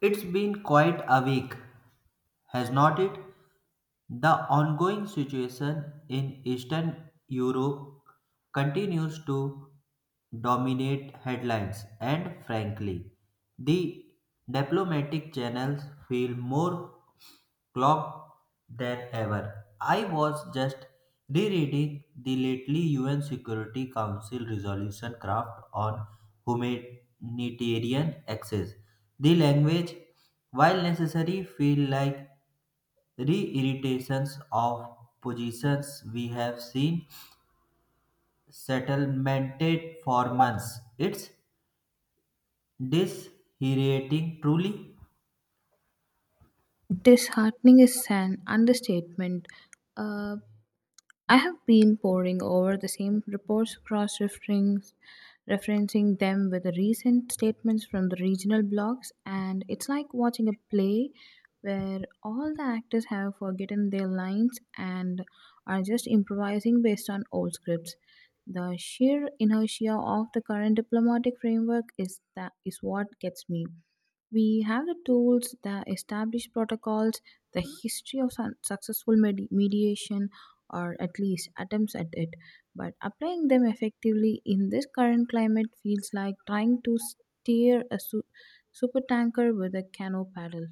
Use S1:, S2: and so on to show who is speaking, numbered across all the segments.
S1: It's been quite a week, has not it? The ongoing situation in Eastern Europe continues to dominate headlines, and frankly, the diplomatic channels feel more clock than ever. I was just rereading the lately UN Security Council resolution craft on humanitarian access. The language, while necessary, feel like reiterations of positions we have seen settlemented for months. It's disheartening, truly.
S2: Disheartening is an understatement. Uh, I have been poring over the same reports, cross referencing them with the recent statements from the regional blogs, and it's like watching a play where all the actors have forgotten their lines and are just improvising based on old scripts. The sheer inertia of the current diplomatic framework is what gets me. We have the tools, the established protocols, the history of successful mediation, or at least attempts at it. But applying them effectively in this current climate feels like trying to steer a super tanker with a canoe paddle.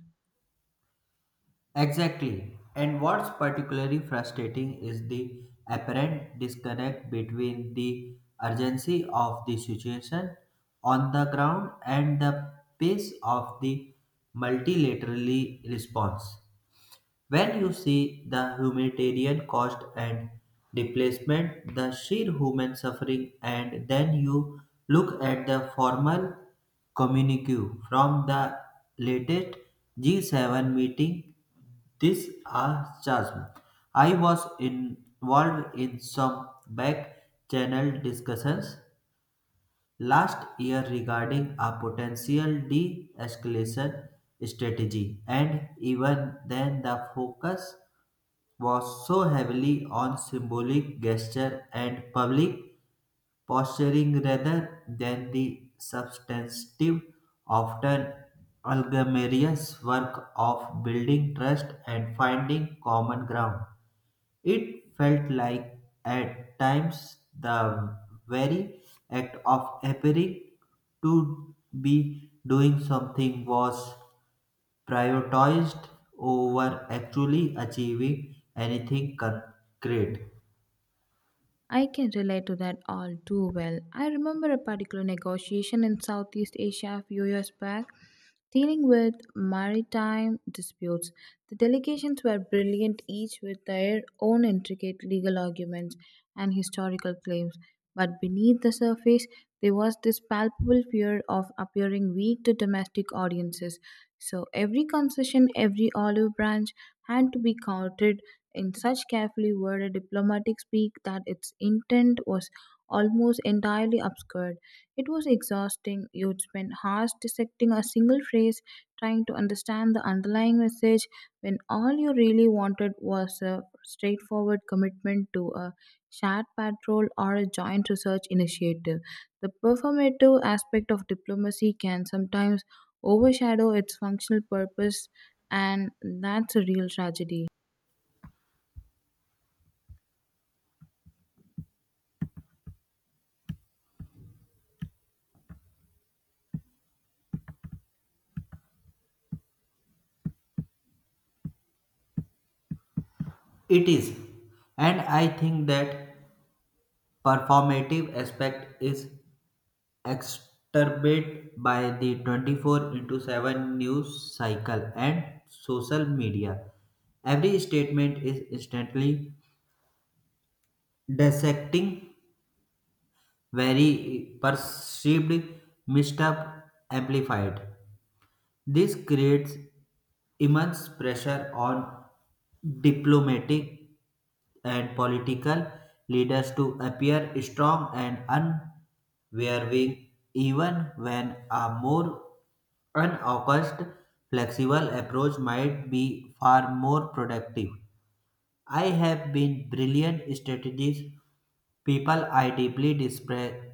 S1: Exactly. And what's particularly frustrating is the apparent disconnect between the urgency of the situation on the ground and the pace of the multilaterally response. When you see the humanitarian cost and displacement, the sheer human suffering, and then you look at the formal communique from the latest G7 meeting, this a chasm. I was involved in some back channel discussions last year regarding a potential de escalation strategy, and even then, the focus was so heavily on symbolic gesture and public posturing rather than the substantive, often algramarious work of building trust and finding common ground. It felt like at times the very act of appearing to be doing something was prioritized over actually achieving anything concrete.
S2: I can relate to that all too well. I remember a particular negotiation in Southeast Asia a few years back dealing with maritime disputes. The delegations were brilliant, each with their own intricate legal arguments and historical claims. But beneath the surface, there was this palpable fear of appearing weak to domestic audiences. So every concession, every olive branch had to be counted in such carefully worded diplomatic speak that its intent was almost entirely obscured. It was exhausting. You'd spend hours dissecting a single phrase, trying to understand the underlying message, when all you really wanted was a straightforward commitment to a shared patrol or a joint research initiative. The performative aspect of diplomacy can sometimes overshadow its functional purpose, and that's a real tragedy.
S1: It is, and I think that performative aspect is exacerbated by the 24 into 7 news cycle and social media. Every statement is instantly dissecting, very perceived, mixed up, amplified. This creates immense pressure on diplomatic and political leaders to appear strong and unwavering, even when a more unfocused, flexible approach might be far more productive. I have been brilliant strategies. People are deeply distracted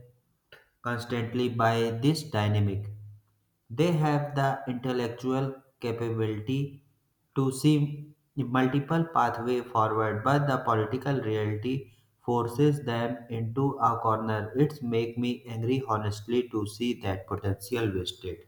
S1: constantly by this dynamic. They have the intellectual capability to see multiple pathways forward, but the political reality forces them into a corner. It's make me angry honestly to see that potential wasted.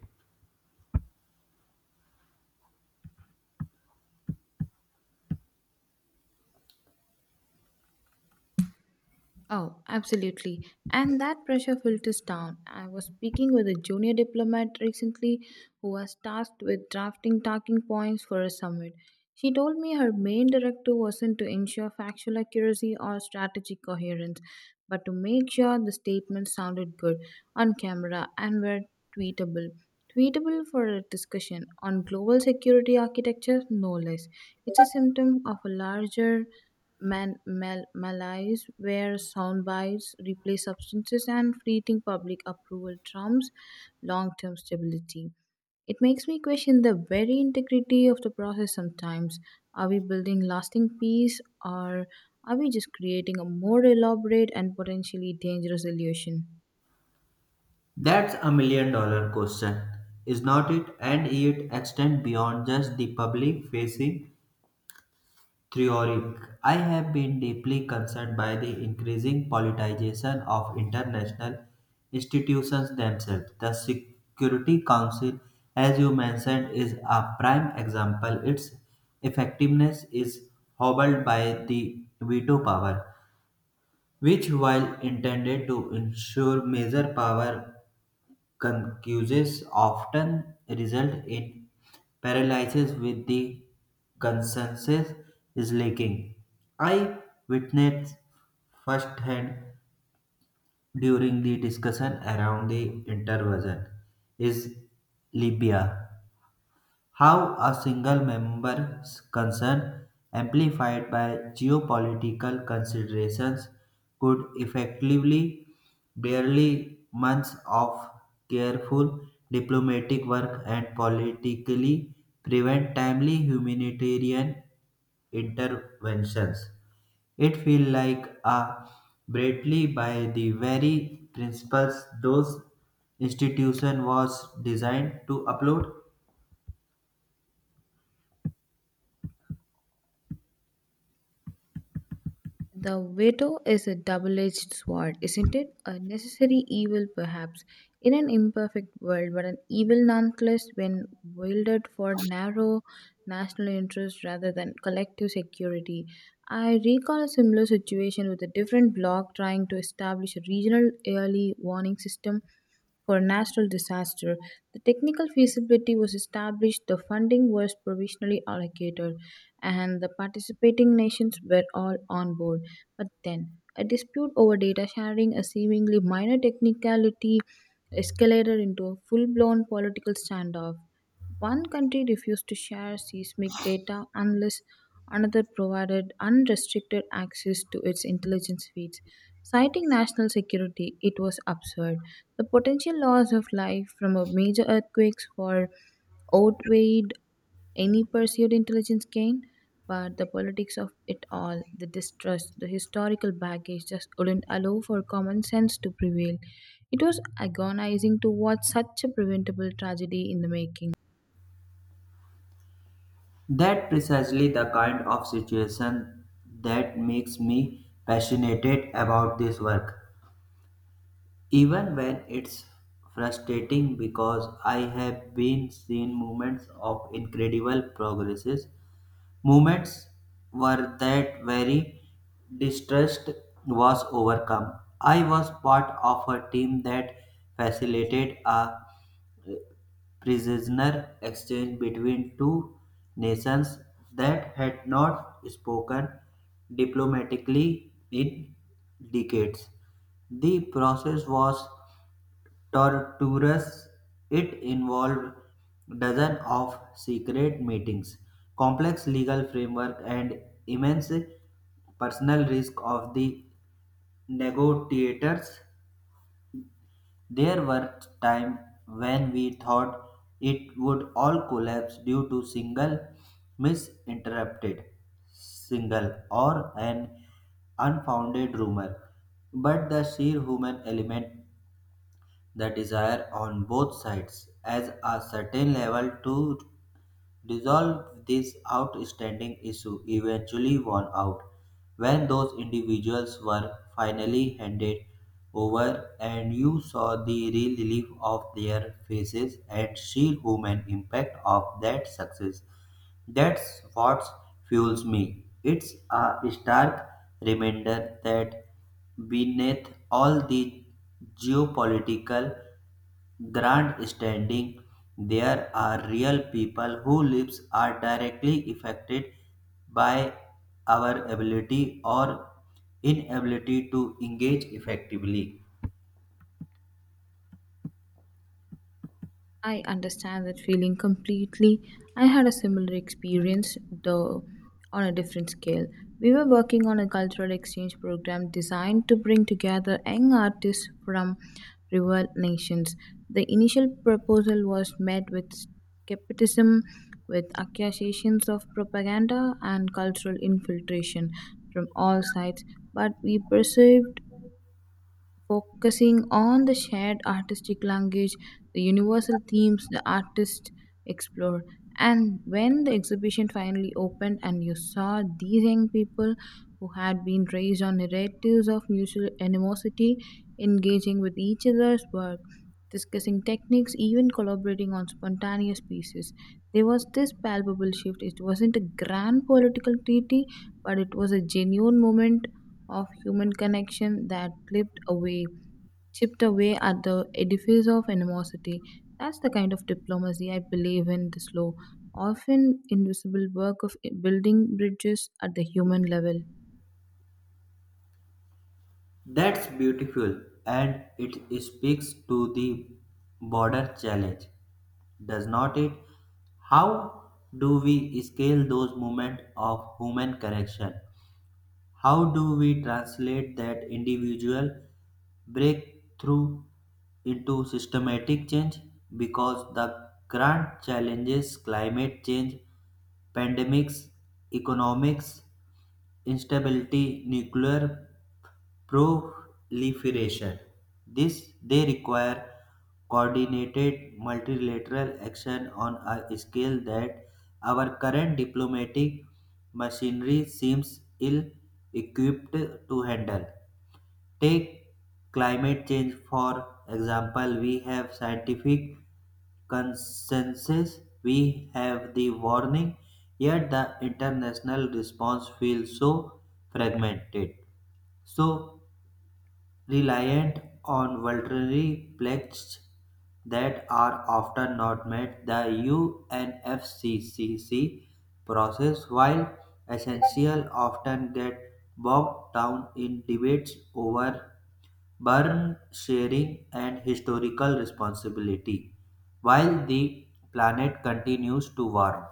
S2: Oh, absolutely. And that pressure filters down. I was speaking with a junior diplomat recently who was tasked with drafting talking points for a summit. She told me her main directive wasn't to ensure factual accuracy or strategic coherence, but to make sure the statements sounded good on camera and were tweetable. Tweetable for a discussion on global security architecture, no less. It's a symptom of a larger malaise where sound bites replace substances and fleeting public approval trumps long-term stability. It makes me question the very integrity of the process sometimes. Are we building lasting peace or are we just creating a more elaborate and potentially dangerous illusion?
S1: That's a $1 million question, is not it? And it extends beyond just the public facing Theoric. I have been deeply concerned by the increasing politicization of international institutions themselves. The Security Council, as you mentioned, is a prime example. Its effectiveness is hobbled by the veto power, which, while intended to ensure major power concuses often result in paralysis with the consensus is lacking. I witnessed firsthand during the discussion around the intervention is Libya how a single member's concern, amplified by geopolitical considerations, could effectively barely months of careful diplomatic work and politically prevent timely humanitarian interventions. It feels like a bratly by the very principles those institution was designed to uphold.
S2: The veto is a double edged sword, isn't it? A necessary evil, perhaps, in an imperfect world, but an evil nonetheless when wielded for narrow national interests rather than collective security. I recall a similar situation with a different bloc trying to establish a regional early warning system for a natural disaster. The technical feasibility was established, the funding was provisionally allocated, and the participating nations were all on board. But then, a dispute over data sharing, a seemingly minor technicality, escalated into a full blown political standoff. One country refused to share seismic data unless another provided unrestricted access to its intelligence feeds. Citing national security, it was absurd. The potential loss of life from a major earthquakes for outweighed any pursued intelligence gain, but the politics of it all, the distrust, the historical baggage just wouldn't allow for common sense to prevail. It was agonizing to watch such a preventable tragedy in the making.
S1: That precisely the kind of situation that makes me passionate about this work. Even when it's frustrating because I have been seen moments of incredible progresses, moments where that very distrust was overcome. I was part of a team that facilitated a prisoner exchange between two nations that had not spoken diplomatically in decades. The process was torturous. It involved dozens of secret meetings, complex legal framework, and immense personal risk of the negotiators. There were times when we thought it would all collapse due to single misinterpreted single or an unfounded rumor. But the sheer human element, the desire on both sides as a certain level to resolve this outstanding issue eventually won out when those individuals were finally handed over and you saw the relief of their faces and sheer human impact of that success. That's what fuels me. It's a stark reminder that beneath all the geopolitical grandstanding there are real people who lives are directly affected by our ability or inability to engage effectively.
S2: I understand that feeling completely. I had a similar experience, though on a different scale. We were working on a cultural exchange program designed to bring together young artists from rival nations. The initial proposal was met with skepticism, with accusations of propaganda and cultural infiltration from all sides, but we persevered focusing on the shared artistic language, the universal themes the artists explored. And when the exhibition finally opened and you saw these young people who had been raised on narratives of mutual animosity engaging with each other's work, discussing techniques, even collaborating on spontaneous pieces, there was this palpable shift. It wasn't a grand political treaty, but it was a genuine moment of human connection that lived away chipped away at the edifice of animosity. That's the kind of diplomacy I believe in this slow, often invisible work of building bridges at the human level.
S1: That's beautiful, and it speaks to the border challenge, does not it? How do we scale those moments of human connection? How do we translate that individual breakthrough into systematic change? Because the current challenges climate change, pandemics, economics, instability, nuclear proliferation. This they require coordinated multilateral action on a scale that our current diplomatic machinery seems ill equipped to handle. Take climate change for example. We have scientific consensus, we have the warning, yet the international response feels so fragmented. So reliant on voluntary pledges that are often not met. The UNFCCC process, while essential, often get bogged down in debates over burden sharing and historical responsibility, while the planet continues to warm.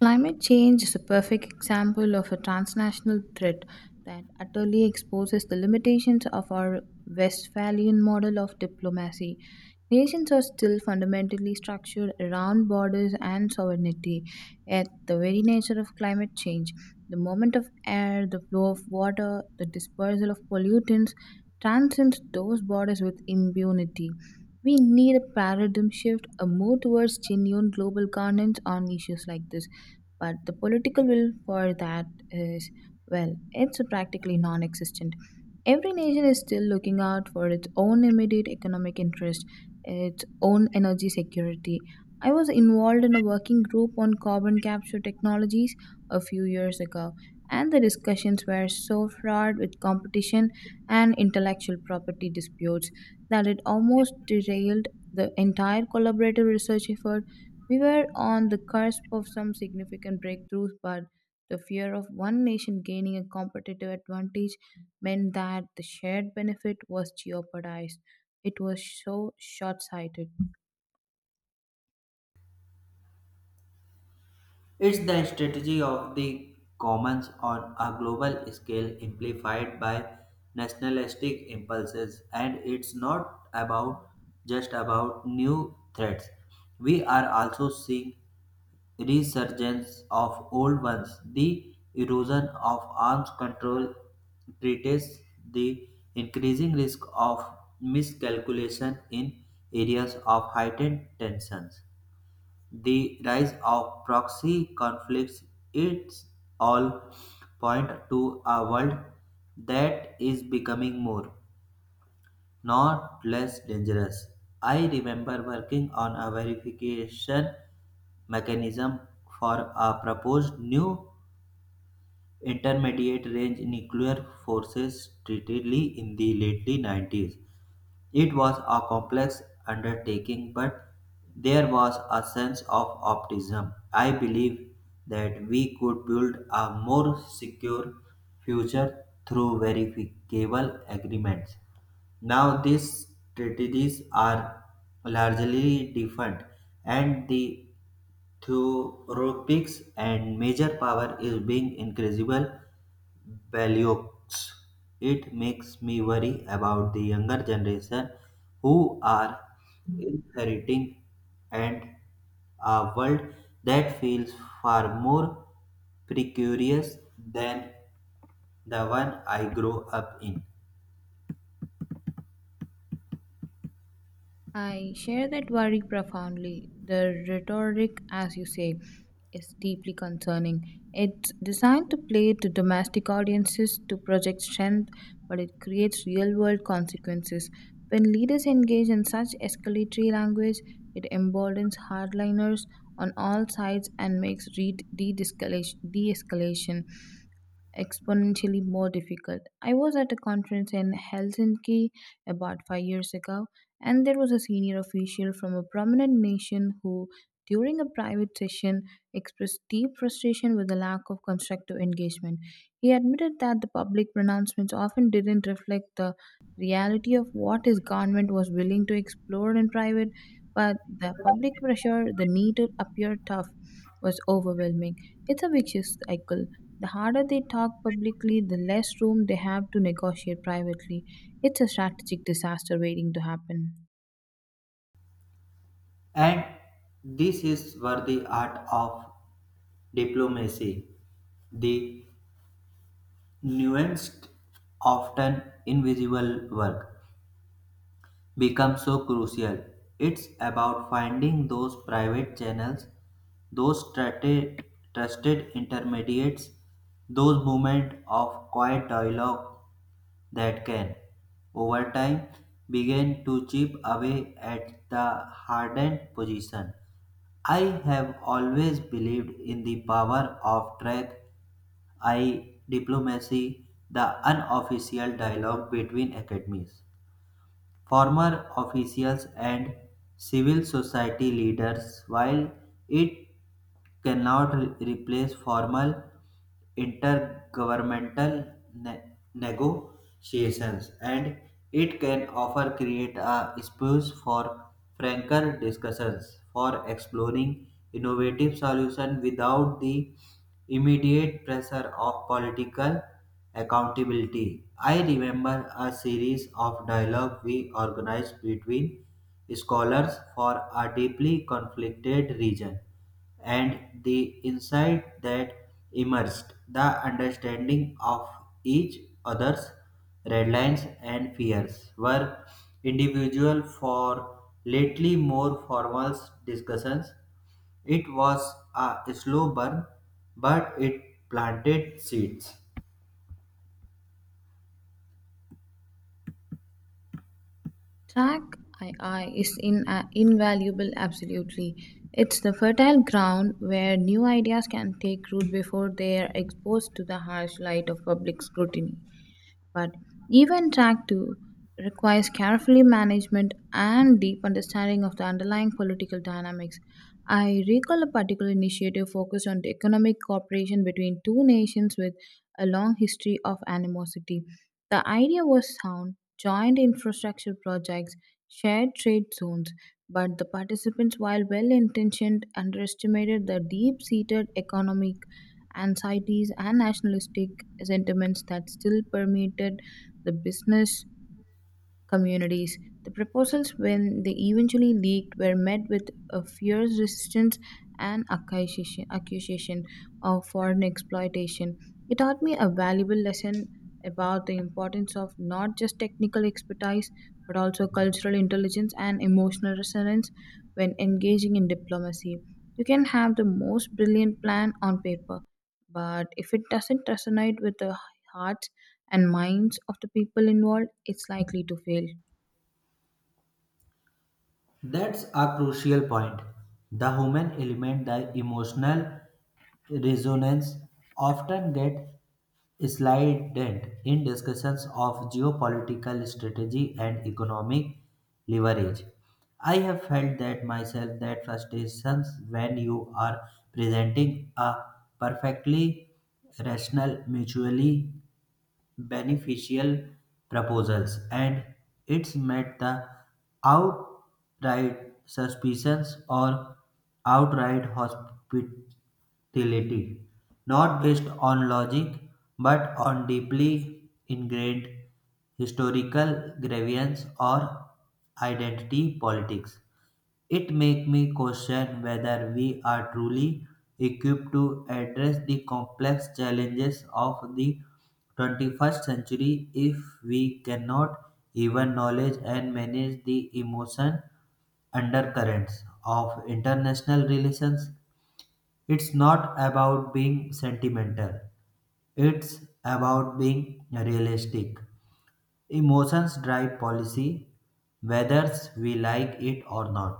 S2: Climate change is a perfect example of a transnational threat that utterly exposes the limitations of our Westphalian model of diplomacy. Nations are still fundamentally structured around borders and sovereignty, yet, the very nature of climate change, the movement of air, the flow of water, the dispersal of pollutants, transcends those borders with impunity. We need a paradigm shift, a move towards genuine global governance on issues like this, but the political will for that is, well, it's practically non existent. Every nation is still looking out for its own immediate economic interest, its own energy security. I was involved in a working group on carbon capture technologies a few years ago, and the discussions were so fraught with competition and intellectual property disputes that it almost derailed the entire collaborative research effort. We were on the cusp of some significant breakthroughs, but the fear of one nation gaining a competitive advantage meant that the shared benefit was jeopardized. It was so short sighted.
S1: It's the strategy of the commons on a global scale amplified by nationalistic impulses and it's not about just about new threats. We are also seeing resurgence of old ones. The erosion of arms control treats the increasing risk of miscalculation in areas of heightened tensions. The rise of proxy conflicts it's all point to a world that is becoming more, not less dangerous. I remember working on a verification mechanism for a proposed new intermediate range nuclear forces treaty in the late 90s. It was a complex undertaking, but there was a sense of optimism. I believe that we could build a more secure future through verifiable agreements. Now these strategies are largely different, and the theoretics and major power is being increasable Belliox. It makes me worry about the younger generation who are inheriting and a world that feels far more precarious than the one I grew up in.
S2: I share that worry profoundly. The rhetoric, as you say, is deeply concerning. It's designed to play to domestic audiences to project strength, but it creates real world consequences. When leaders engage in such escalatory language, it emboldens hardliners on all sides and makes de escalation exponentially more difficult. I was at a conference in Helsinki about 5 years ago, and there was a senior official from a prominent nation who, during a private session, expressed deep frustration with the lack of constructive engagement. He admitted that the public pronouncements often didn't reflect the reality of what his government was willing to explore in private, but the public pressure, the need to appear tough, was overwhelming. It's a vicious cycle. The harder they talk publicly, the less room they have to negotiate privately. It's a strategic disaster waiting to happen.
S1: And this is where the art of diplomacy, the nuanced, often invisible work become so crucial. It's about finding those private channels, those trusted intermediates, those moments of quiet dialogue that can, over time, begin to chip away at the hardened position. I have always believed in the power of track I diplomacy, the unofficial dialogue between academies former officials, and civil society leaders. While it cannot replace formal intergovernmental negotiations and it can offer create a space for franker discussions for exploring innovative solutions without the immediate pressure of political accountability. I remember a series of dialogue we organized between scholars for a deeply conflicted region, and the insight that emerged, the understanding of each other's red lines and fears were individual for lately more formal discussions. It was a slow burn, but it planted seeds.
S2: Track II is invaluable, absolutely. It's the fertile ground where new ideas can take root before they are exposed to the harsh light of public scrutiny. But even track 2 requires carefully management and deep understanding of the underlying political dynamics. I recall a particular initiative focused on the economic cooperation between two nations with a long history of animosity. The idea was sound, joint infrastructure projects, shared trade zones, but the participants, while well intentioned, underestimated the deep seated economic anxieties and nationalistic sentiments that still permeated the business communities. The proposals, when they eventually leaked, were met with a fierce resistance and accusation of foreign exploitation. It taught me a valuable lesson about the importance of not just technical expertise but also cultural intelligence and emotional resonance when engaging in diplomacy. You can have the most brilliant plan on paper, but if it doesn't resonate with the hearts and minds of the people involved, it's likely to fail.
S1: That's a crucial point. The human element, the emotional resonance, often get slided in discussions of geopolitical strategy and economic leverage. I have felt that myself that frustrations when you are presenting a perfectly rational, mutually beneficial proposals, and it's met the outright suspicions or outright hospitality, not based on logic but on deeply ingrained historical grievance or identity politics. It makes me question whether we are truly equipped to address the complex challenges of the 21st century if we cannot even knowledge and manage the emotion undercurrents of international relations. It's not about being sentimental, it's about being realistic. Emotions drive policy, whether we like it or not.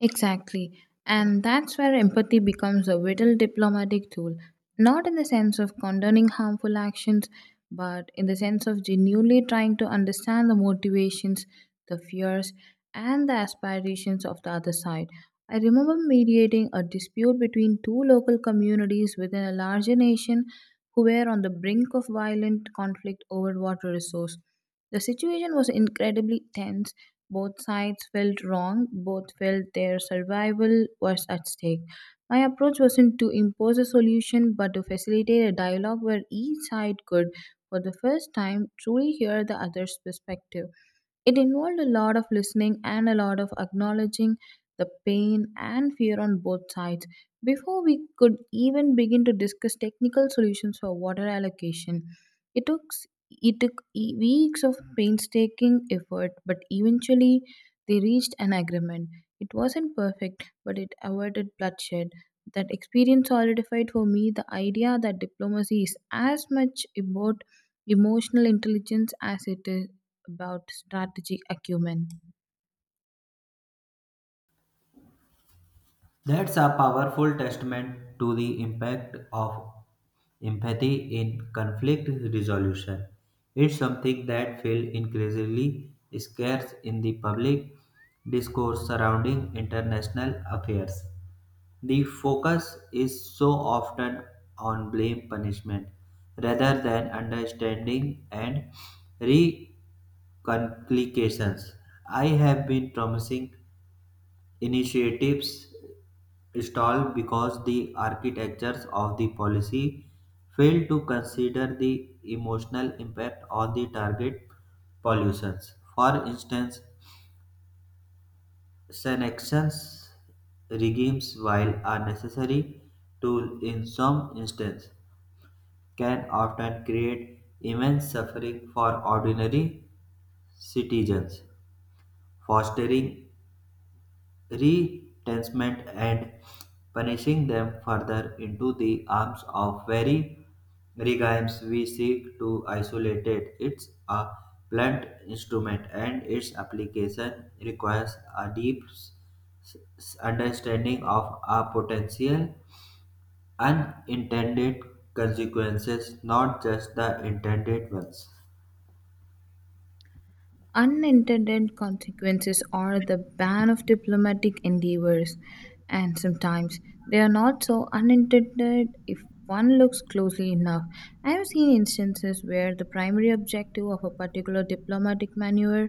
S2: Exactly. And that's where empathy becomes a vital diplomatic tool, not in the sense of condoning harmful actions, but in the sense of genuinely trying to understand the motivations, the fears, and the aspirations of the other side. I remember mediating a dispute between two local communities within a larger nation who were on the brink of violent conflict over water resource. The situation was incredibly tense. Both sides felt wrong, both felt their survival was at stake. My approach wasn't to impose a solution but to facilitate a dialogue where each side could, for the first time, truly hear the other's perspective. It involved a lot of listening and a lot of acknowledging the pain and fear on both sides before we could even begin to discuss technical solutions for water allocation. It took s- it took weeks of painstaking effort, but eventually they reached an agreement. It wasn't perfect, but it avoided bloodshed. That experience solidified for me the idea that diplomacy is as much about emotional intelligence as it is about strategy acumen.
S1: That's a powerful testament to the impact of empathy in conflict resolution. It's something that feels increasingly scarce in the public discourse surrounding international affairs. The focus is so often on blame punishment rather than understanding and reconciliations. I have been promising initiatives stall because the architectures of the policy fail to consider the emotional impact on the target pollutions. For instance, sanctions regimes, while are necessary tool in some instances, can often create immense suffering for ordinary citizens, fostering retrenchment and punishing them further into the arms of very regimes we seek to isolate. It's a blunt instrument and its application requires a deep understanding of a potential unintended consequences, not just the intended ones.
S2: Unintended consequences are the ban of diplomatic endeavors, and sometimes they are not so unintended if one looks closely enough. I have seen instances where the primary objective of a particular diplomatic maneuver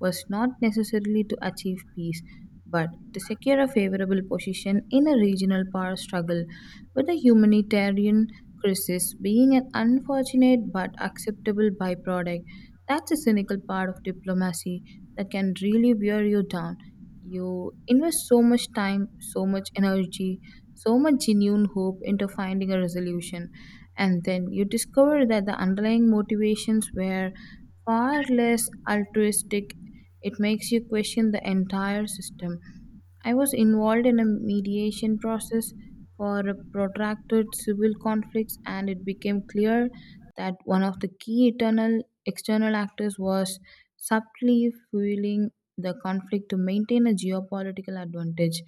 S2: was not necessarily to achieve peace, but to secure a favorable position in a regional power struggle, with a humanitarian crisis being an unfortunate but acceptable byproduct. That's a cynical part of diplomacy that can really wear you down. You invest so much time, so much energy, so much genuine hope into finding a resolution, and then you discover that the underlying motivations were far less altruistic. It makes you question the entire system. I was involved in a mediation process for a protracted civil conflicts and it became clear that one of the key eternal external actors was subtly fueling the conflict to maintain a geopolitical advantage.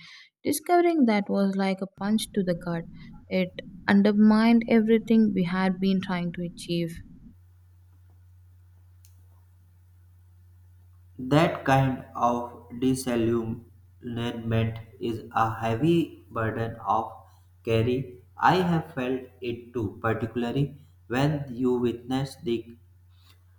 S2: Discovering that was like a punch to the gut. It undermined everything we had been trying to achieve.
S1: That kind of disillusionment is a heavy burden of carry. I have felt it too, particularly when you witness the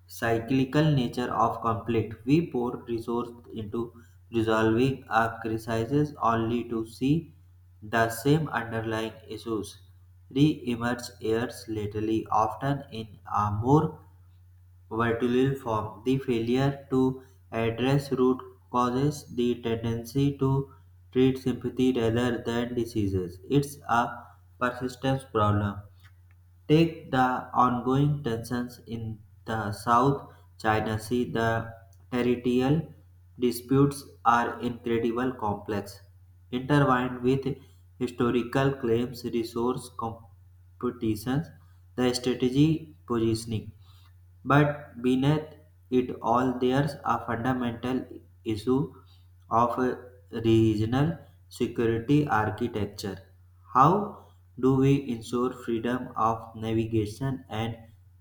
S1: cyclical nature of conflict. We pour resources into resolving a crisis only to see the same underlying issues re-emerge years later, often in a more Vertulin form. The failure to address root causes the tendency to treat sympathy rather than diseases. It's a persistence problem. Take the ongoing tensions in the South China Sea. The territorial disputes are incredibly complex, intertwined with historical claims, resource competitions, the strategy positioning. But beneath it all, there's a fundamental issue of regional security architecture. How do we ensure freedom of navigation and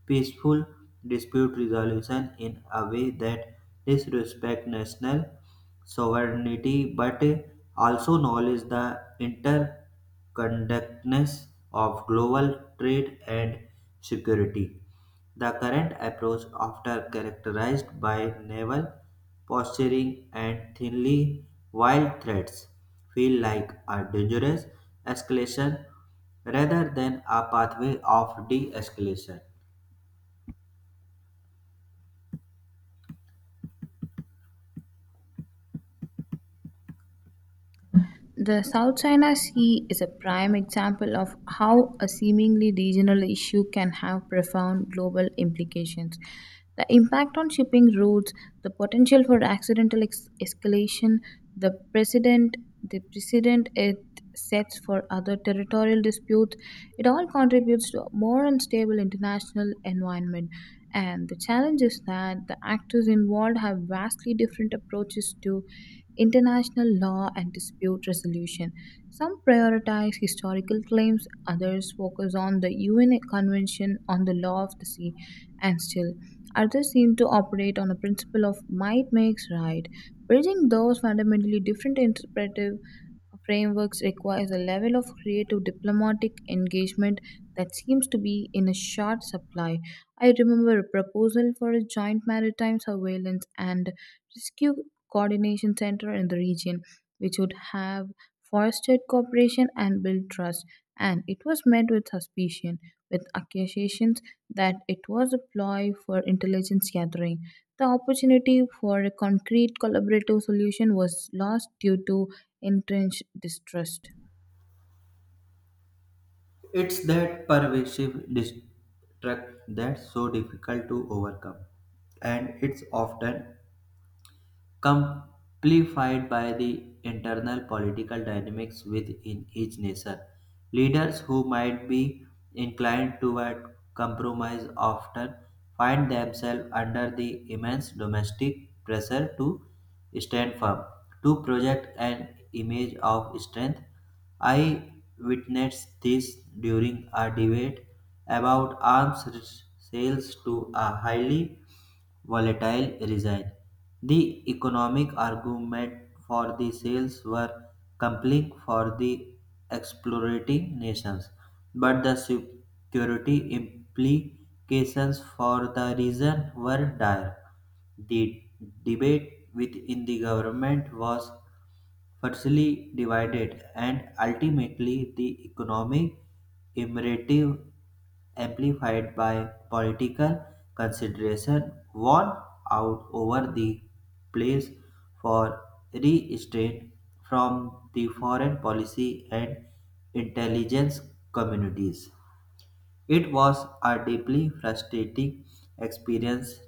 S1: peaceful dispute resolution in a way that disrespects national sovereignty but also acknowledge the interconnectedness of global trade and security? The current approach, often characterized by naval posturing and thinly veiled threats, feel like a dangerous escalation rather than a pathway of de-escalation.
S2: The South China Sea is a prime example of how a seemingly regional issue can have profound global implications. The impact on shipping routes, the potential for accidental escalation, the precedent the precedent it sets for other territorial disputes, it all contributes to a more unstable international environment. And the challenge is that the actors involved have vastly different approaches to international law and dispute resolution. Some prioritize historical claims, others focus on the UN Convention on the Law of the Sea, and still others seem to operate on a principle of might makes right. Bridging those fundamentally different interpretive frameworks requires a level of creative diplomatic engagement that seems to be in a short supply. I remember a proposal for a joint maritime surveillance and rescue coordination center in the region, which would have fostered cooperation and built trust, and it was met with suspicion, with accusations that it was a ploy for intelligence gathering. The opportunity for a concrete collaborative solution was lost due to entrenched distrust.
S1: It's that pervasive distrust that's so difficult to overcome, and it's often Complified by the internal political dynamics within each nation. Leaders who might be inclined toward compromise often find themselves under the immense domestic pressure to stand firm, to project an image of strength. I witnessed this during a debate about arms sales to a highly volatile resin. The economic argument for the sales were compelling for the exploiting nations, but the security implications for the region were dire. The debate within the government was firstly divided, and ultimately the economic imperative amplified by political consideration won out over the place for restraint from the foreign policy and intelligence communities. It was a deeply frustrating experience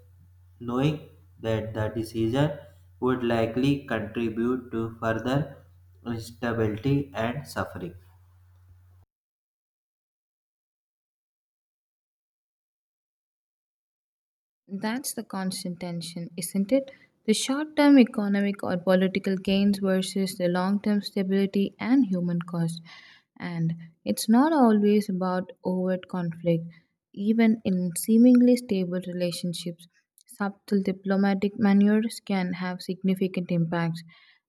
S1: knowing that the decision would likely contribute to further instability and suffering.
S2: That's the constant tension, isn't it? The short term economic or political gains versus the long term stability and human cost. And it's not always about overt conflict. Even in seemingly stable relationships, subtle diplomatic maneuvers can have significant impacts.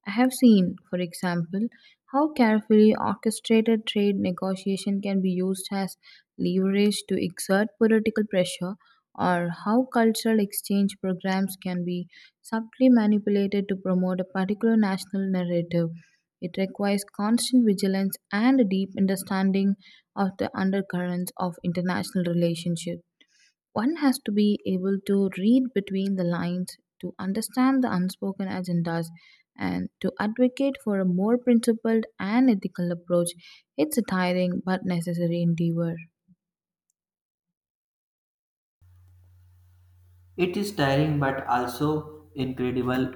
S2: I have seen, for example, how carefully orchestrated trade negotiation can be used as leverage to exert political pressure or how cultural exchange programs can be subtly manipulated to promote a particular national narrative. It requires constant vigilance and a deep understanding of the undercurrents of international relationships. One has to be able to read between the lines, to understand the unspoken agendas, and to advocate for a more principled and ethical approach. It's a tiring but necessary endeavor.
S1: It is tiring but also incredible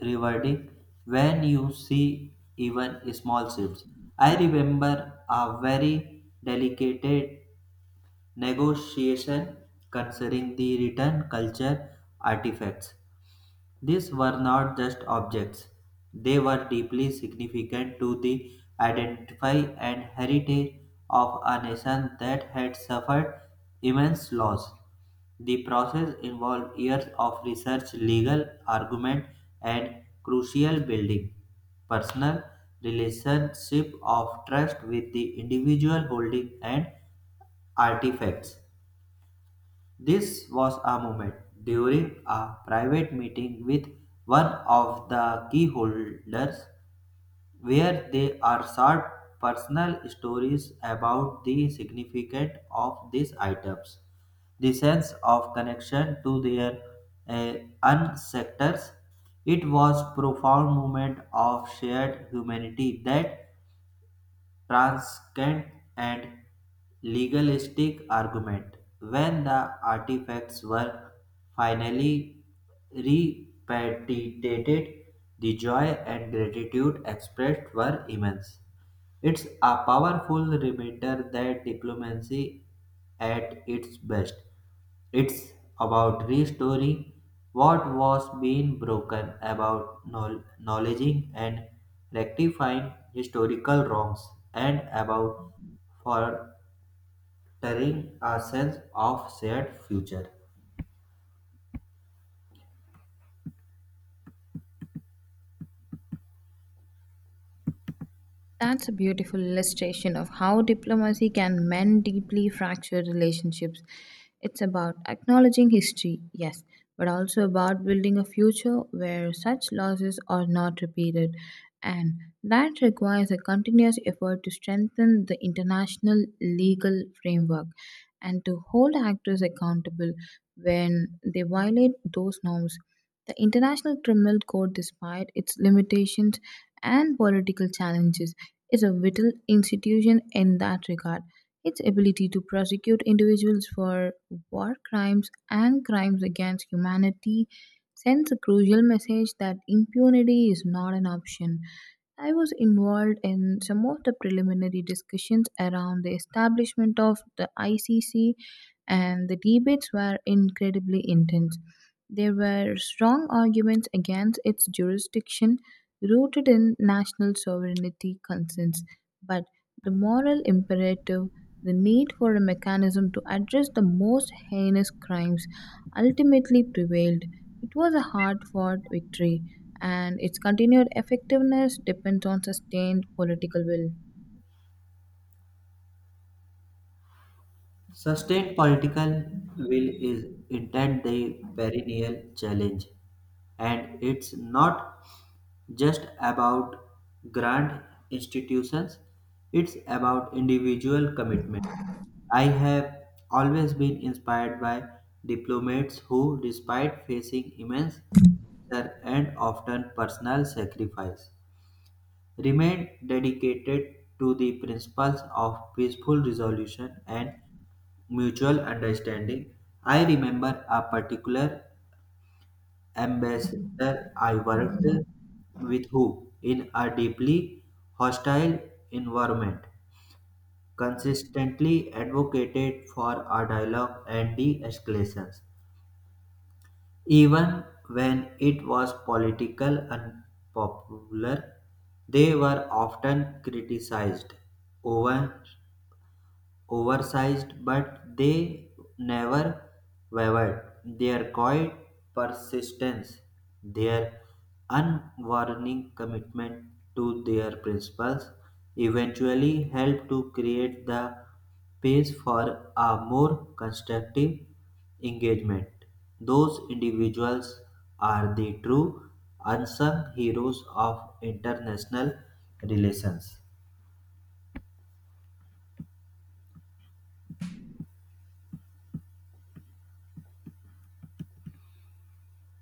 S1: rewarding when you see even small shifts. I remember a very delicate negotiation concerning the return culture artifacts. These were not just objects, they were deeply significant to the identity and heritage of a nation that had suffered immense loss. The process involved years of research, legal argument, and crucial building personal relationship of trust with the individual holding and artifacts. This was a moment during a private meeting with one of the keyholders where they are shared personal stories about the significance of these items, the sense of connection to their uh, own sectors. It was profound moment of shared humanity that transient and legalistic argument. When the artifacts were finally repatriated, the joy and gratitude expressed were immense. It's a powerful reminder that diplomacy at its best it's about restoring what was being broken, about acknowledging and rectifying historical wrongs, and about fostering a sense of shared future.
S2: That's a beautiful illustration of how diplomacy can mend deeply fractured relationships. It's about acknowledging history, yes, but also about building a future where such losses are not repeated. And that requires a continuous effort to strengthen the international legal framework and to hold actors accountable when they violate those norms. The International Criminal Court, despite its limitations and political challenges, is a vital institution in that regard. Its ability to prosecute individuals for war crimes and crimes against humanity sends a crucial message that impunity is not an option. I was involved in some of the preliminary discussions around the establishment of the ICC, and the debates were incredibly intense. There were strong arguments against its jurisdiction, rooted in national sovereignty concerns, but the moral imperative, the need for a mechanism to address the most heinous crimes, ultimately prevailed. It was a hard fought victory and its continued effectiveness depends on sustained political will.
S1: Sustained political will is indeed the perennial challenge, and it's not just about grand institutions, it's about individual commitment. I have always been inspired by diplomats who, despite facing immense pressure and often personal sacrifice, remained dedicated to the principles of peaceful resolution and mutual understanding. I remember a particular ambassador, I worked with who in a deeply hostile environment consistently advocated for a dialogue and de-escalations, even when it was political unpopular. They were often criticized, over oversized, but they never wavered. Their quiet persistence, their unwarning commitment to their principles, eventually helped to create the space for a more constructive engagement. Those individuals are the true unsung heroes of international relations.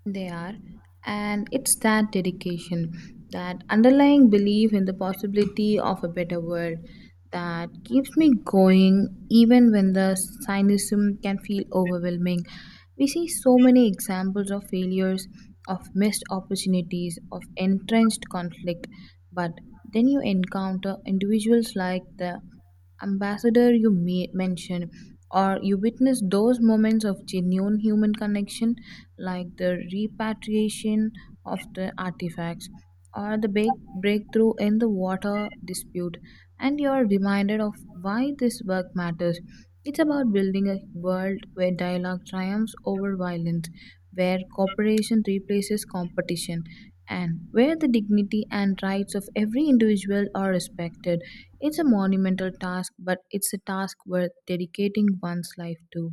S2: They are, and it's that dedication, that underlying belief in the possibility of a better world that keeps me going even when the cynicism can feel overwhelming. We see so many examples of failures, of missed opportunities, of entrenched conflict, but then you encounter individuals like the ambassador you may mention, or you witness those moments of genuine human connection like the repatriation of the artifacts or the big breakthrough in the water dispute, and you are reminded of why this work matters. It's about building a world where dialogue triumphs over violence, where cooperation replaces competition, and where the dignity and rights of every individual are respected. It's a monumental task, but it's a task worth dedicating one's life to.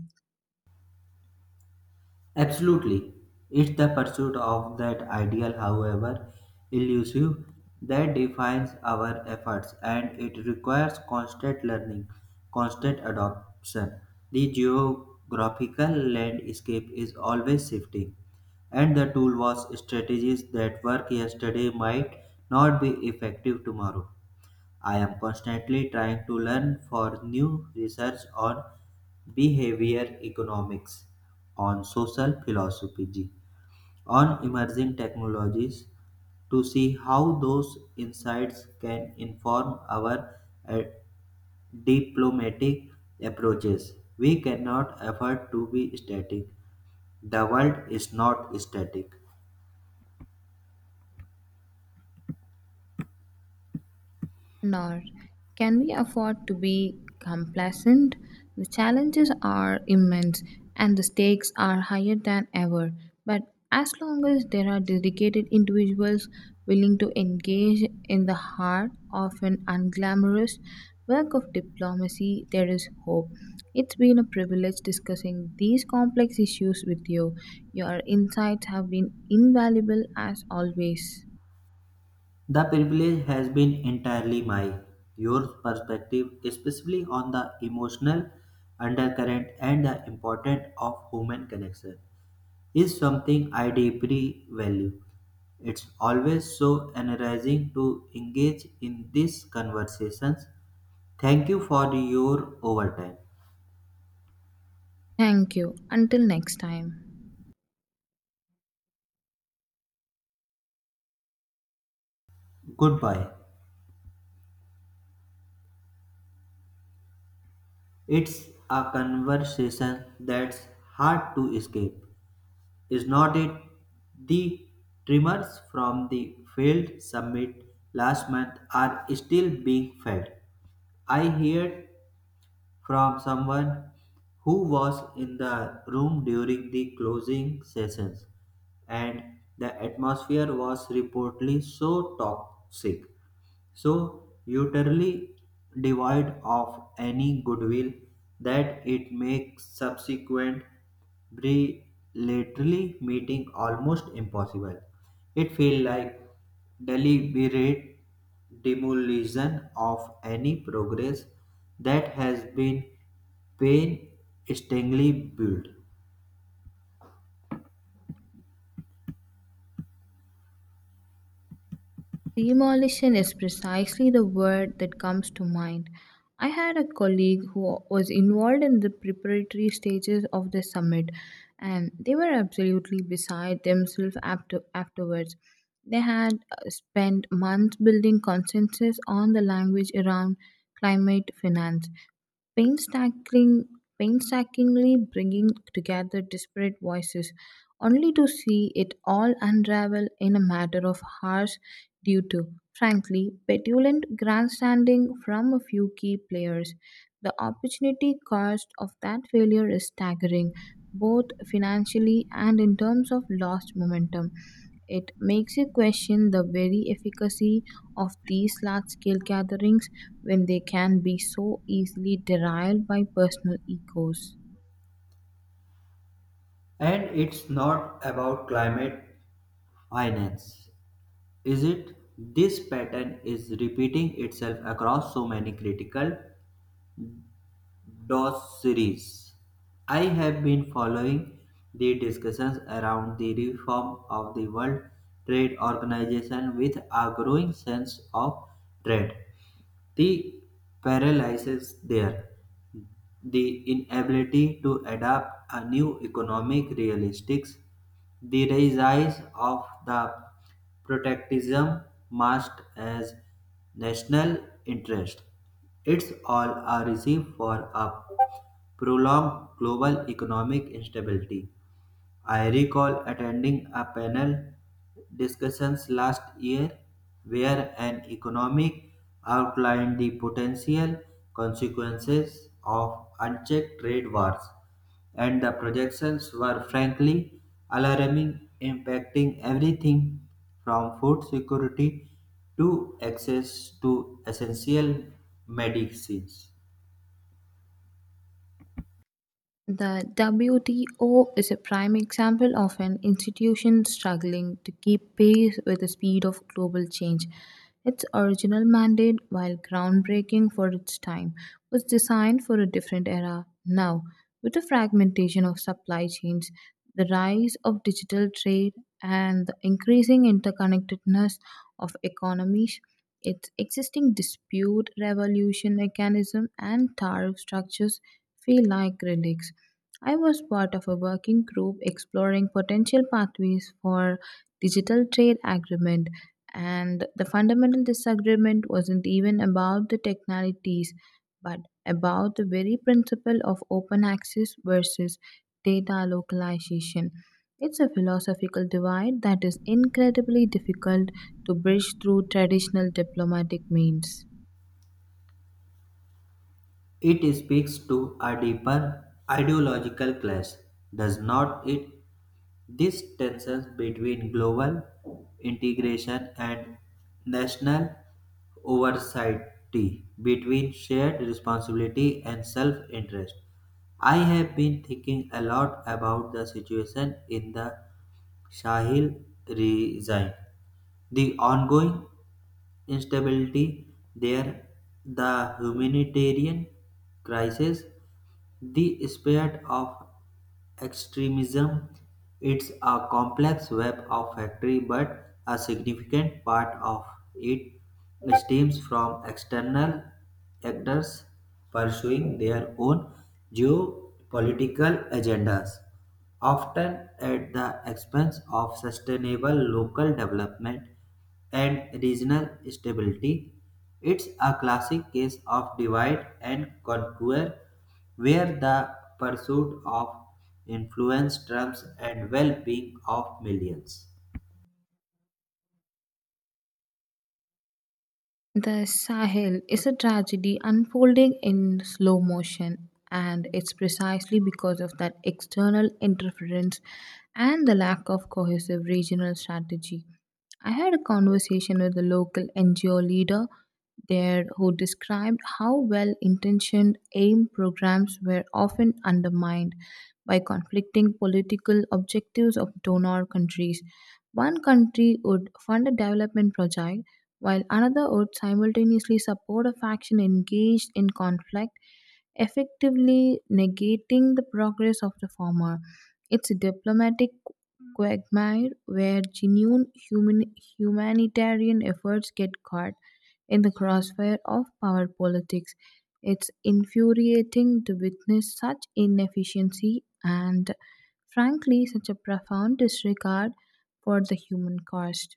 S1: Absolutely. It's the pursuit of that ideal, however elusive, that defines our efforts and it requires constant learning, constant adoption. The geographical landscape is always shifting, and the tool was strategies that work yesterday might not be effective tomorrow. I am constantly trying to learn for new research on behavior economics, on social philosophy, on emerging technologies to see how those insights can inform our uh, diplomatic approaches. We cannot afford to be static. The world is not static.
S2: Nor can we afford to be complacent. The challenges are immense and the stakes are higher than ever. But as long as there are dedicated individuals willing to engage in the heart of an unglamorous work of diplomacy, there is hope. It's been a privilege discussing these complex issues with you. Your insights have been invaluable as always.
S1: The privilege has been entirely my. Your perspective, especially on the emotional undercurrent and the importance of human connection, is something I deeply value. It's always so energizing to engage in these conversations. Thank you for your overtime.
S2: Thank you. Until next time.
S1: Goodbye. It's a conversation that's hard to escape. Is not it the tremors from the failed summit last month are still being felt? I heard from someone who was in the room during the closing sessions, and the atmosphere was reportedly so toxic, so utterly devoid of any goodwill that it makes subsequent bilaterally meeting almost impossible. It feels like deliberate demolition of any progress that has been painstakingly built.
S2: Demolition is precisely the word that comes to mind. I had a colleague who was involved in the preparatory stages of the summit, and they were absolutely beside themselves afterwards. They had spent months building consensus on the language around climate finance, painstaking, painstakingly bringing together disparate voices, only to see it all unravel in a matter of hours due to, frankly, petulant grandstanding from a few key players. The opportunity cost of that failure is staggering, both financially and in terms of lost momentum. It makes you question the very efficacy of these large scale gatherings when they can be so easily derailed by personal egos.
S1: And it's not about climate finance. Is it? This pattern is repeating itself across so many critical DOS series. I have been following the discussions around the reform of the World Trade Organization with a growing sense of dread. The paralysis there, the inability to adapt a new economic realistics, the rise of the protectionism masked as national interest. It's all a recipe for a prolonged global economic instability. I recall attending a panel discussions last year where an economic outlined the potential consequences of unchecked trade wars and the projections were frankly alarming impacting everything from food security to access to essential medicines.
S2: The WTO is a prime example of an institution struggling to keep pace with the speed of global change. Its original mandate, while groundbreaking for its time, was designed for a different era now, with the fragmentation of supply chains, the rise of digital trade, and the increasing interconnectedness of economies. Its existing dispute resolution mechanism and tariff structures feel like relics. I was part of a working group exploring potential pathways for digital trade agreement and the fundamental disagreement wasn't even about the technicalities but about the very principle of open access versus data localization. It's a philosophical divide that is incredibly difficult to bridge through traditional diplomatic means.
S1: It speaks to a deeper ideological clash, does not it, These tensions between global integration and national oversight, between shared responsibility and self interest. I have been thinking a lot about the situation in the Sahel region, the ongoing instability there, the humanitarian crisis, the spirit of extremism it's a complex web of factory but a significant part of it stems from external actors pursuing their own geopolitical agendas often at the expense of sustainable local development and regional stability. It's a classic case of divide and conquer, where the pursuit of influence trumps and well being of millions.
S2: The Sahel is a tragedy unfolding in slow motion, and it's precisely because of that external interference and the lack of cohesive regional strategy. I had a conversation with a local NGO leader there who described how well intentioned AIM programs were often undermined by conflicting political objectives of donor countries. One country would fund a development project while another would simultaneously support a faction engaged in conflict, effectively negating the progress of the former. Its diplomatic quagmire where humanitarian efforts get caught in the crossfire of power politics. It's infuriating to witness such inefficiency and, frankly, such a profound disregard for the human cost.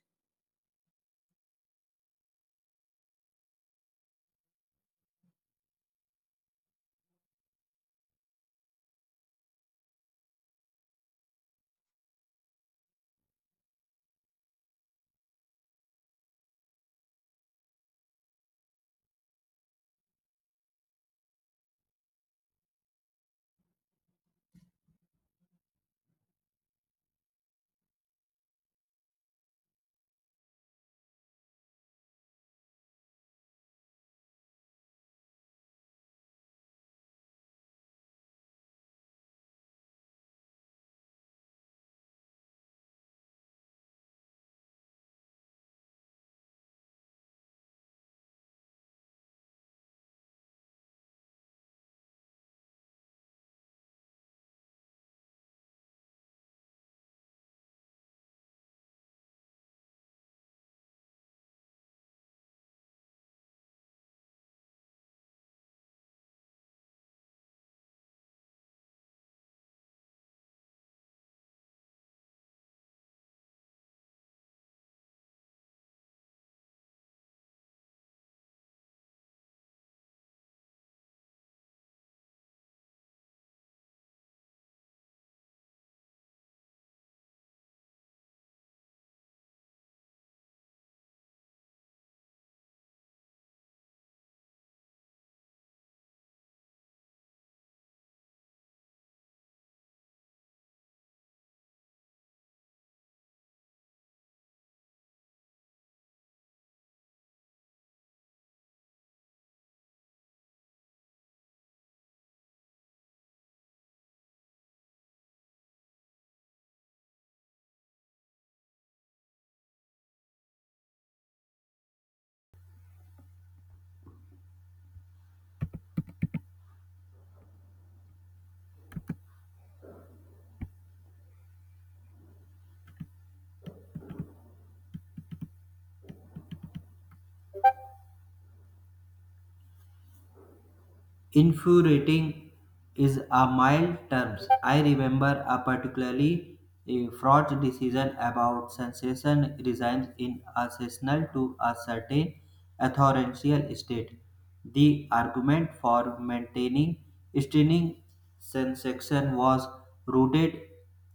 S1: Infuriating is a mild term. I remember a particularly fraught decision about sensation resigns in a sessional to a certain authorential state. The argument for maintaining stinging sensation was rooted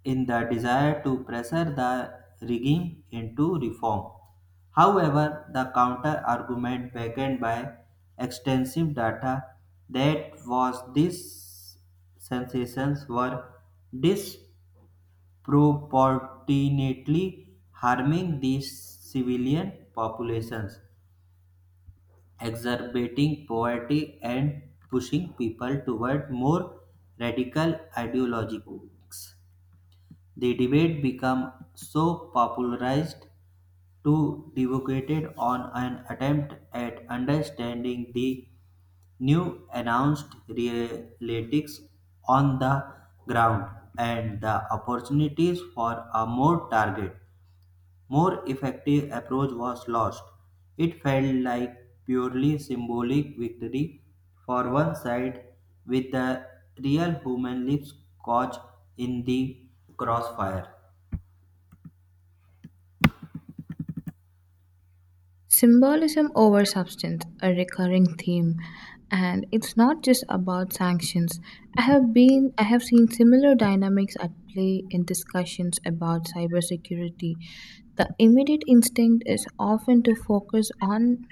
S1: in the desire to pressure the rigging into reform. However, the counter-argument backed by extensive data that was these sensations were disproportionately harming these civilian populations, exacerbating poverty and pushing people toward more radical ideologies. The debate became so popularized Two devocated on an attempt at understanding the new announced realities on the ground and the opportunities for a more targeted, more effective approach was lost. It felt like purely symbolic victory for one side with the real human lives caught in the crossfire.
S2: Symbolism over substance, a recurring theme, and it's not just about sanctions. I have seen similar dynamics at play in discussions about cybersecurity. The immediate instinct is often to focus on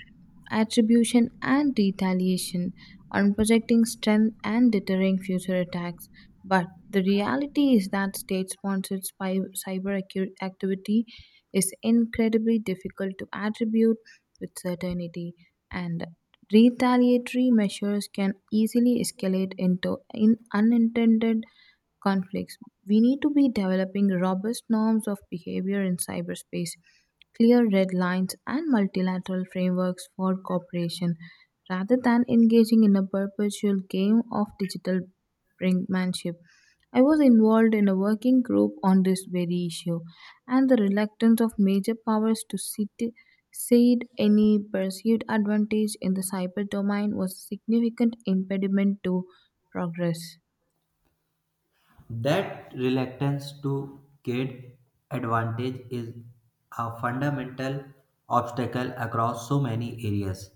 S2: attribution and retaliation, on projecting strength and deterring future attacks. But the reality is that state sponsored activity is incredibly difficult to attribute with certainty, and retaliatory measures can easily escalate into in unintended conflicts. We need to be developing robust norms of behavior in cyberspace, clear red lines, and multilateral frameworks for cooperation rather than engaging in a perpetual game of digital brinkmanship. I was involved in a working group on this very issue, and the reluctance of major powers to cede any perceived advantage in the cyber domain was a significant impediment to progress.
S1: That reluctance to gain advantage is a fundamental obstacle across so many areas.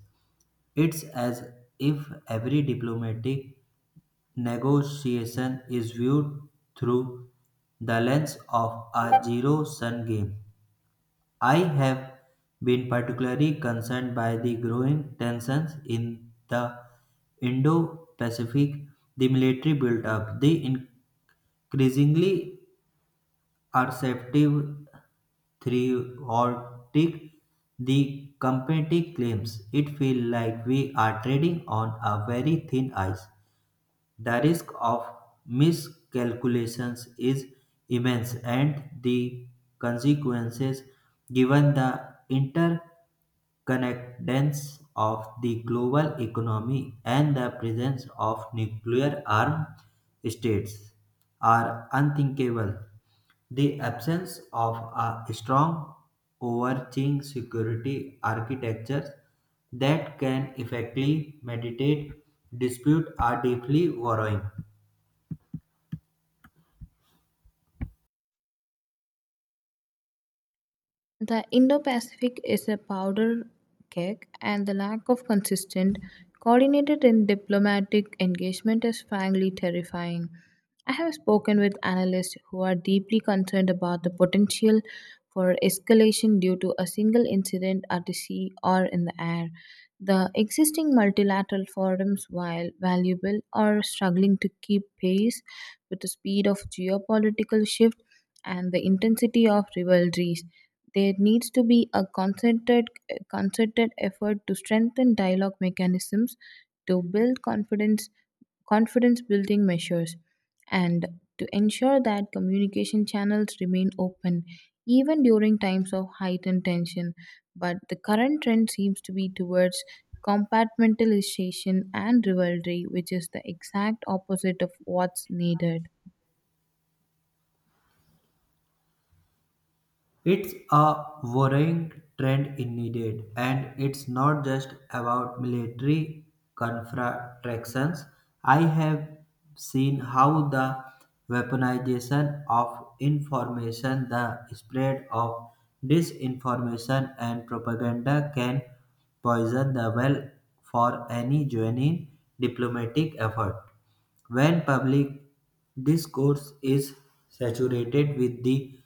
S1: It's as if every diplomatic negotiation is viewed through the lens of a zero sum game. I have been particularly concerned by the growing tensions in the Indo Pacific, the military build up, the increasingly assertive theoretic the company claims. It feels like we are trading on a very thin ice. The risk of miscalculations is immense and the consequences given the interconnectedness of the global economy and the presence of nuclear armed states are unthinkable. The absence of a strong overarching security architecture that can effectively mediate dispute are deeply worrying.
S2: The Indo Pacific is a powder keg, and the lack of consistent, coordinated, and diplomatic engagement is frankly terrifying. I have spoken with analysts who are deeply concerned about the potential for escalation due to a single incident at the sea or in the air. The existing multilateral forums, while valuable, are struggling to keep pace with the speed of geopolitical shift and the intensity of rivalries. There needs to be a concerted effort to strengthen dialogue mechanisms, to build confidence building measures, and to ensure that communication channels remain open even during times of heightened tension. But the current trend seems to be towards compartmentalization and rivalry, which is the exact opposite of what's needed.
S1: It's a worrying trend indeed, and it's not just about military confrontations. I have seen how the weaponization of information, the spread of disinformation and propaganda can poison the well for any genuine diplomatic effort. When public discourse is saturated with the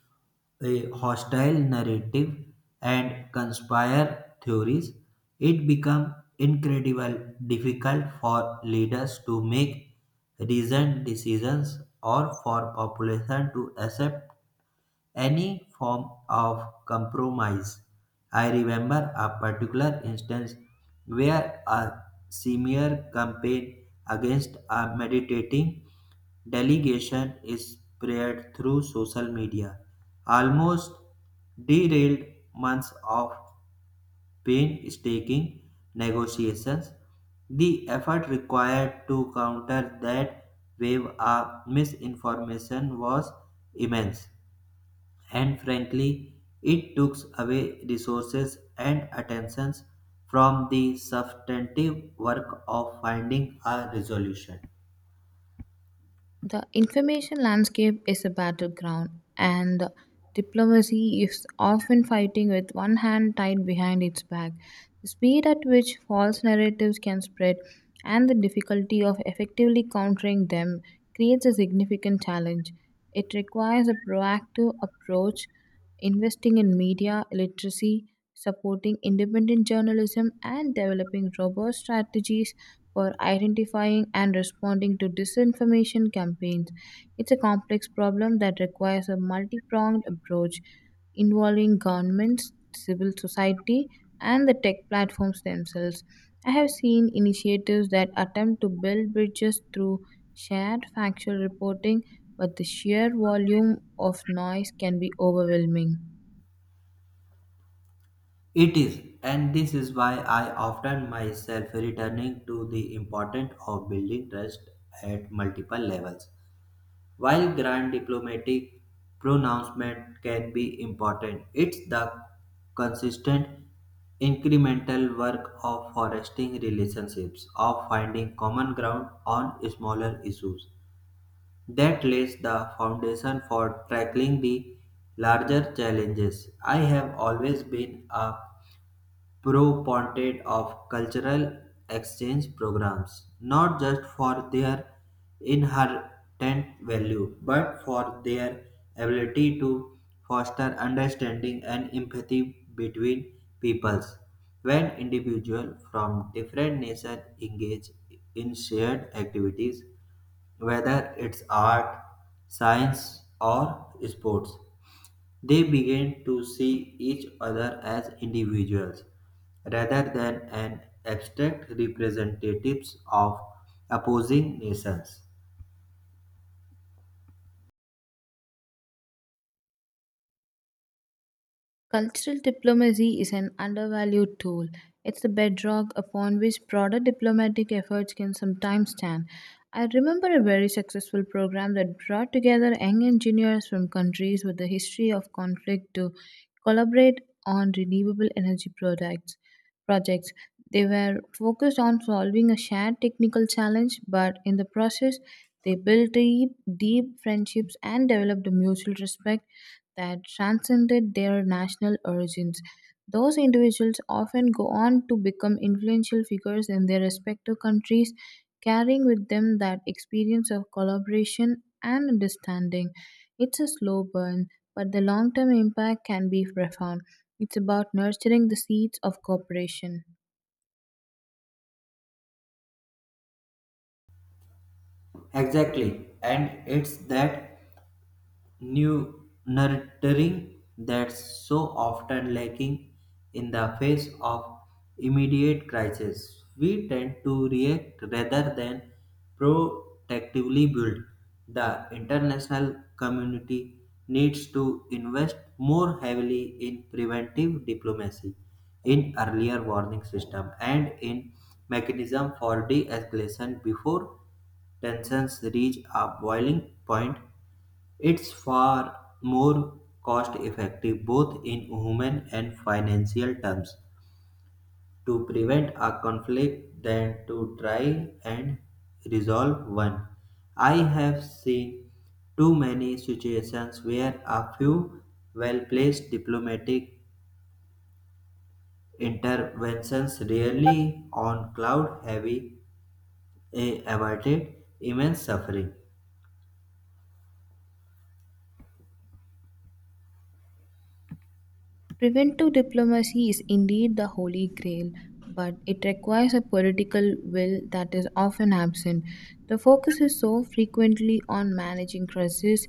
S1: a hostile narrative and conspire theories, it becomes incredibly difficult for leaders to make reasoned decisions or for population to accept any form of compromise. I remember a particular instance where a smear campaign against a meditating Delegation is spread through social media, almost derailed months of painstaking negotiations. The effort required to counter that wave of misinformation was immense, and frankly, it took away resources and attentions from the substantive work of finding a resolution.
S2: The information landscape is a battleground, and diplomacy is often fighting with one hand tied behind its back. The speed at which false narratives can spread and the difficulty of effectively countering them creates a significant challenge. It requires a proactive approach, investing in media literacy, supporting independent journalism, and developing robust strategies for identifying and responding to disinformation campaigns. It's a complex problem that requires a multi pronged approach involving governments, civil society, and the tech platforms themselves. I have seen initiatives that attempt to build bridges through shared factual reporting, but the sheer volume of noise can be overwhelming.
S1: It is, and this is why I often myself returning to the importance of building trust at multiple levels. While grand diplomatic pronouncement can be important, it's the consistent incremental work of fostering relationships, of finding common ground on smaller issues that lays the foundation for tackling the larger challenges. I have always been a Proponent of cultural exchange programs, not just for their inherent value, but for their ability to foster understanding and empathy between peoples. When individuals from different nations engage in shared activities, whether it's art, science, or sports, they began to see each other as individuals rather than an abstract representatives of opposing nations.
S2: Cultural diplomacy is an undervalued tool. It's the bedrock upon which broader diplomatic efforts can sometimes stand. I remember a very successful program that brought together young engineers from countries with a history of conflict to collaborate on renewable energy products projects. They were focused on solving a shared technical challenge, but in the process, they built deep friendships and developed a mutual respect that transcended their national origins. Those individuals often go on to become influential figures in their respective countries, carrying with them that experience of collaboration and understanding. It's a slow burn, but the long term impact can be profound. It's about nurturing the seeds of cooperation.
S1: Exactly, and it's that new nurturing that's so often lacking in the face of immediate crisis. We tend to react rather than proactively build. The international community needs to invest more heavily in preventive diplomacy, in earlier warning system, and in mechanism for de-escalation before tensions reach a boiling point it's far more cost effective, both in human and financial terms, to prevent a conflict than to try and resolve one. I have seen too many situations where a few well placed diplomatic interventions really on cloud heavy averted immense suffering.
S2: Preventive diplomacy is indeed the holy grail, but it requires a political will that is often absent. The focus is so frequently on managing crises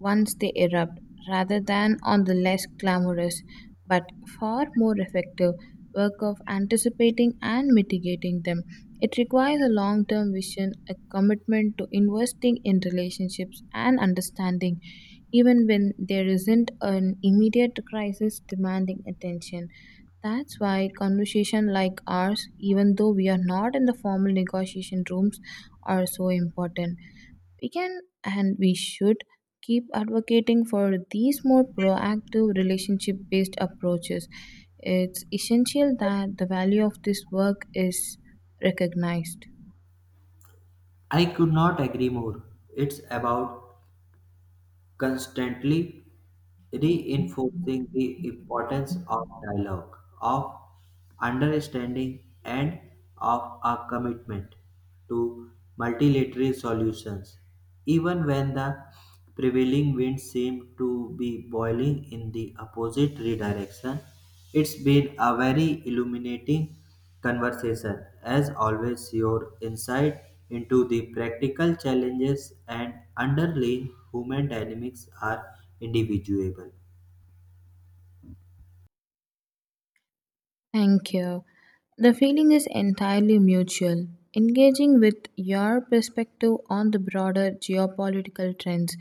S2: once they erupt rather than on the less glamorous but far more effective work of anticipating and mitigating them. It requires a long term vision, a commitment to investing in relationships and understanding even when there isn't an immediate crisis demanding attention. That's why conversation like ours, even though we are not in the formal negotiation rooms, are so important. We can and we should keep advocating for these more proactive relationship based approaches. It's essential that the value of this work is recognized.
S1: I could not agree more. It's about constantly reinforcing the importance of dialogue, of understanding, and of a commitment to multilateral solutions, even when the prevailing winds seem to be boiling in the opposite redirection. It's been a very illuminating conversation. As always, your insight into the practical challenges and underlying human dynamics are individuable.
S2: Thank you. The feeling is entirely mutual. Engaging with your perspective on the broader geopolitical trends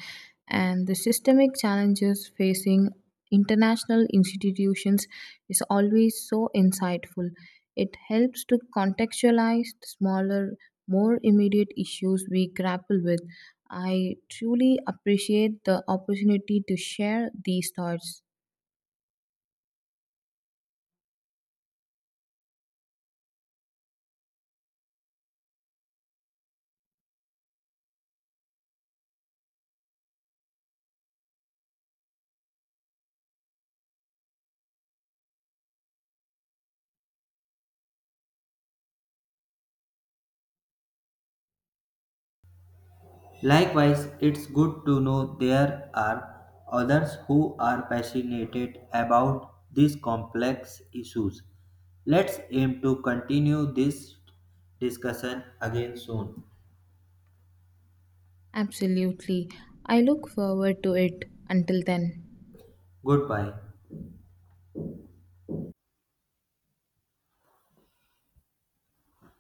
S2: and the systemic challenges facing international institutions is always so insightful. It helps to contextualize the smaller, more immediate issues we grapple with. I truly appreciate the opportunity to share these thoughts.
S1: Likewise, it's good to know there are others who are passionate about these complex issues. Let's aim to continue this discussion again soon.
S2: Absolutely. I look forward to it until then.
S1: Goodbye.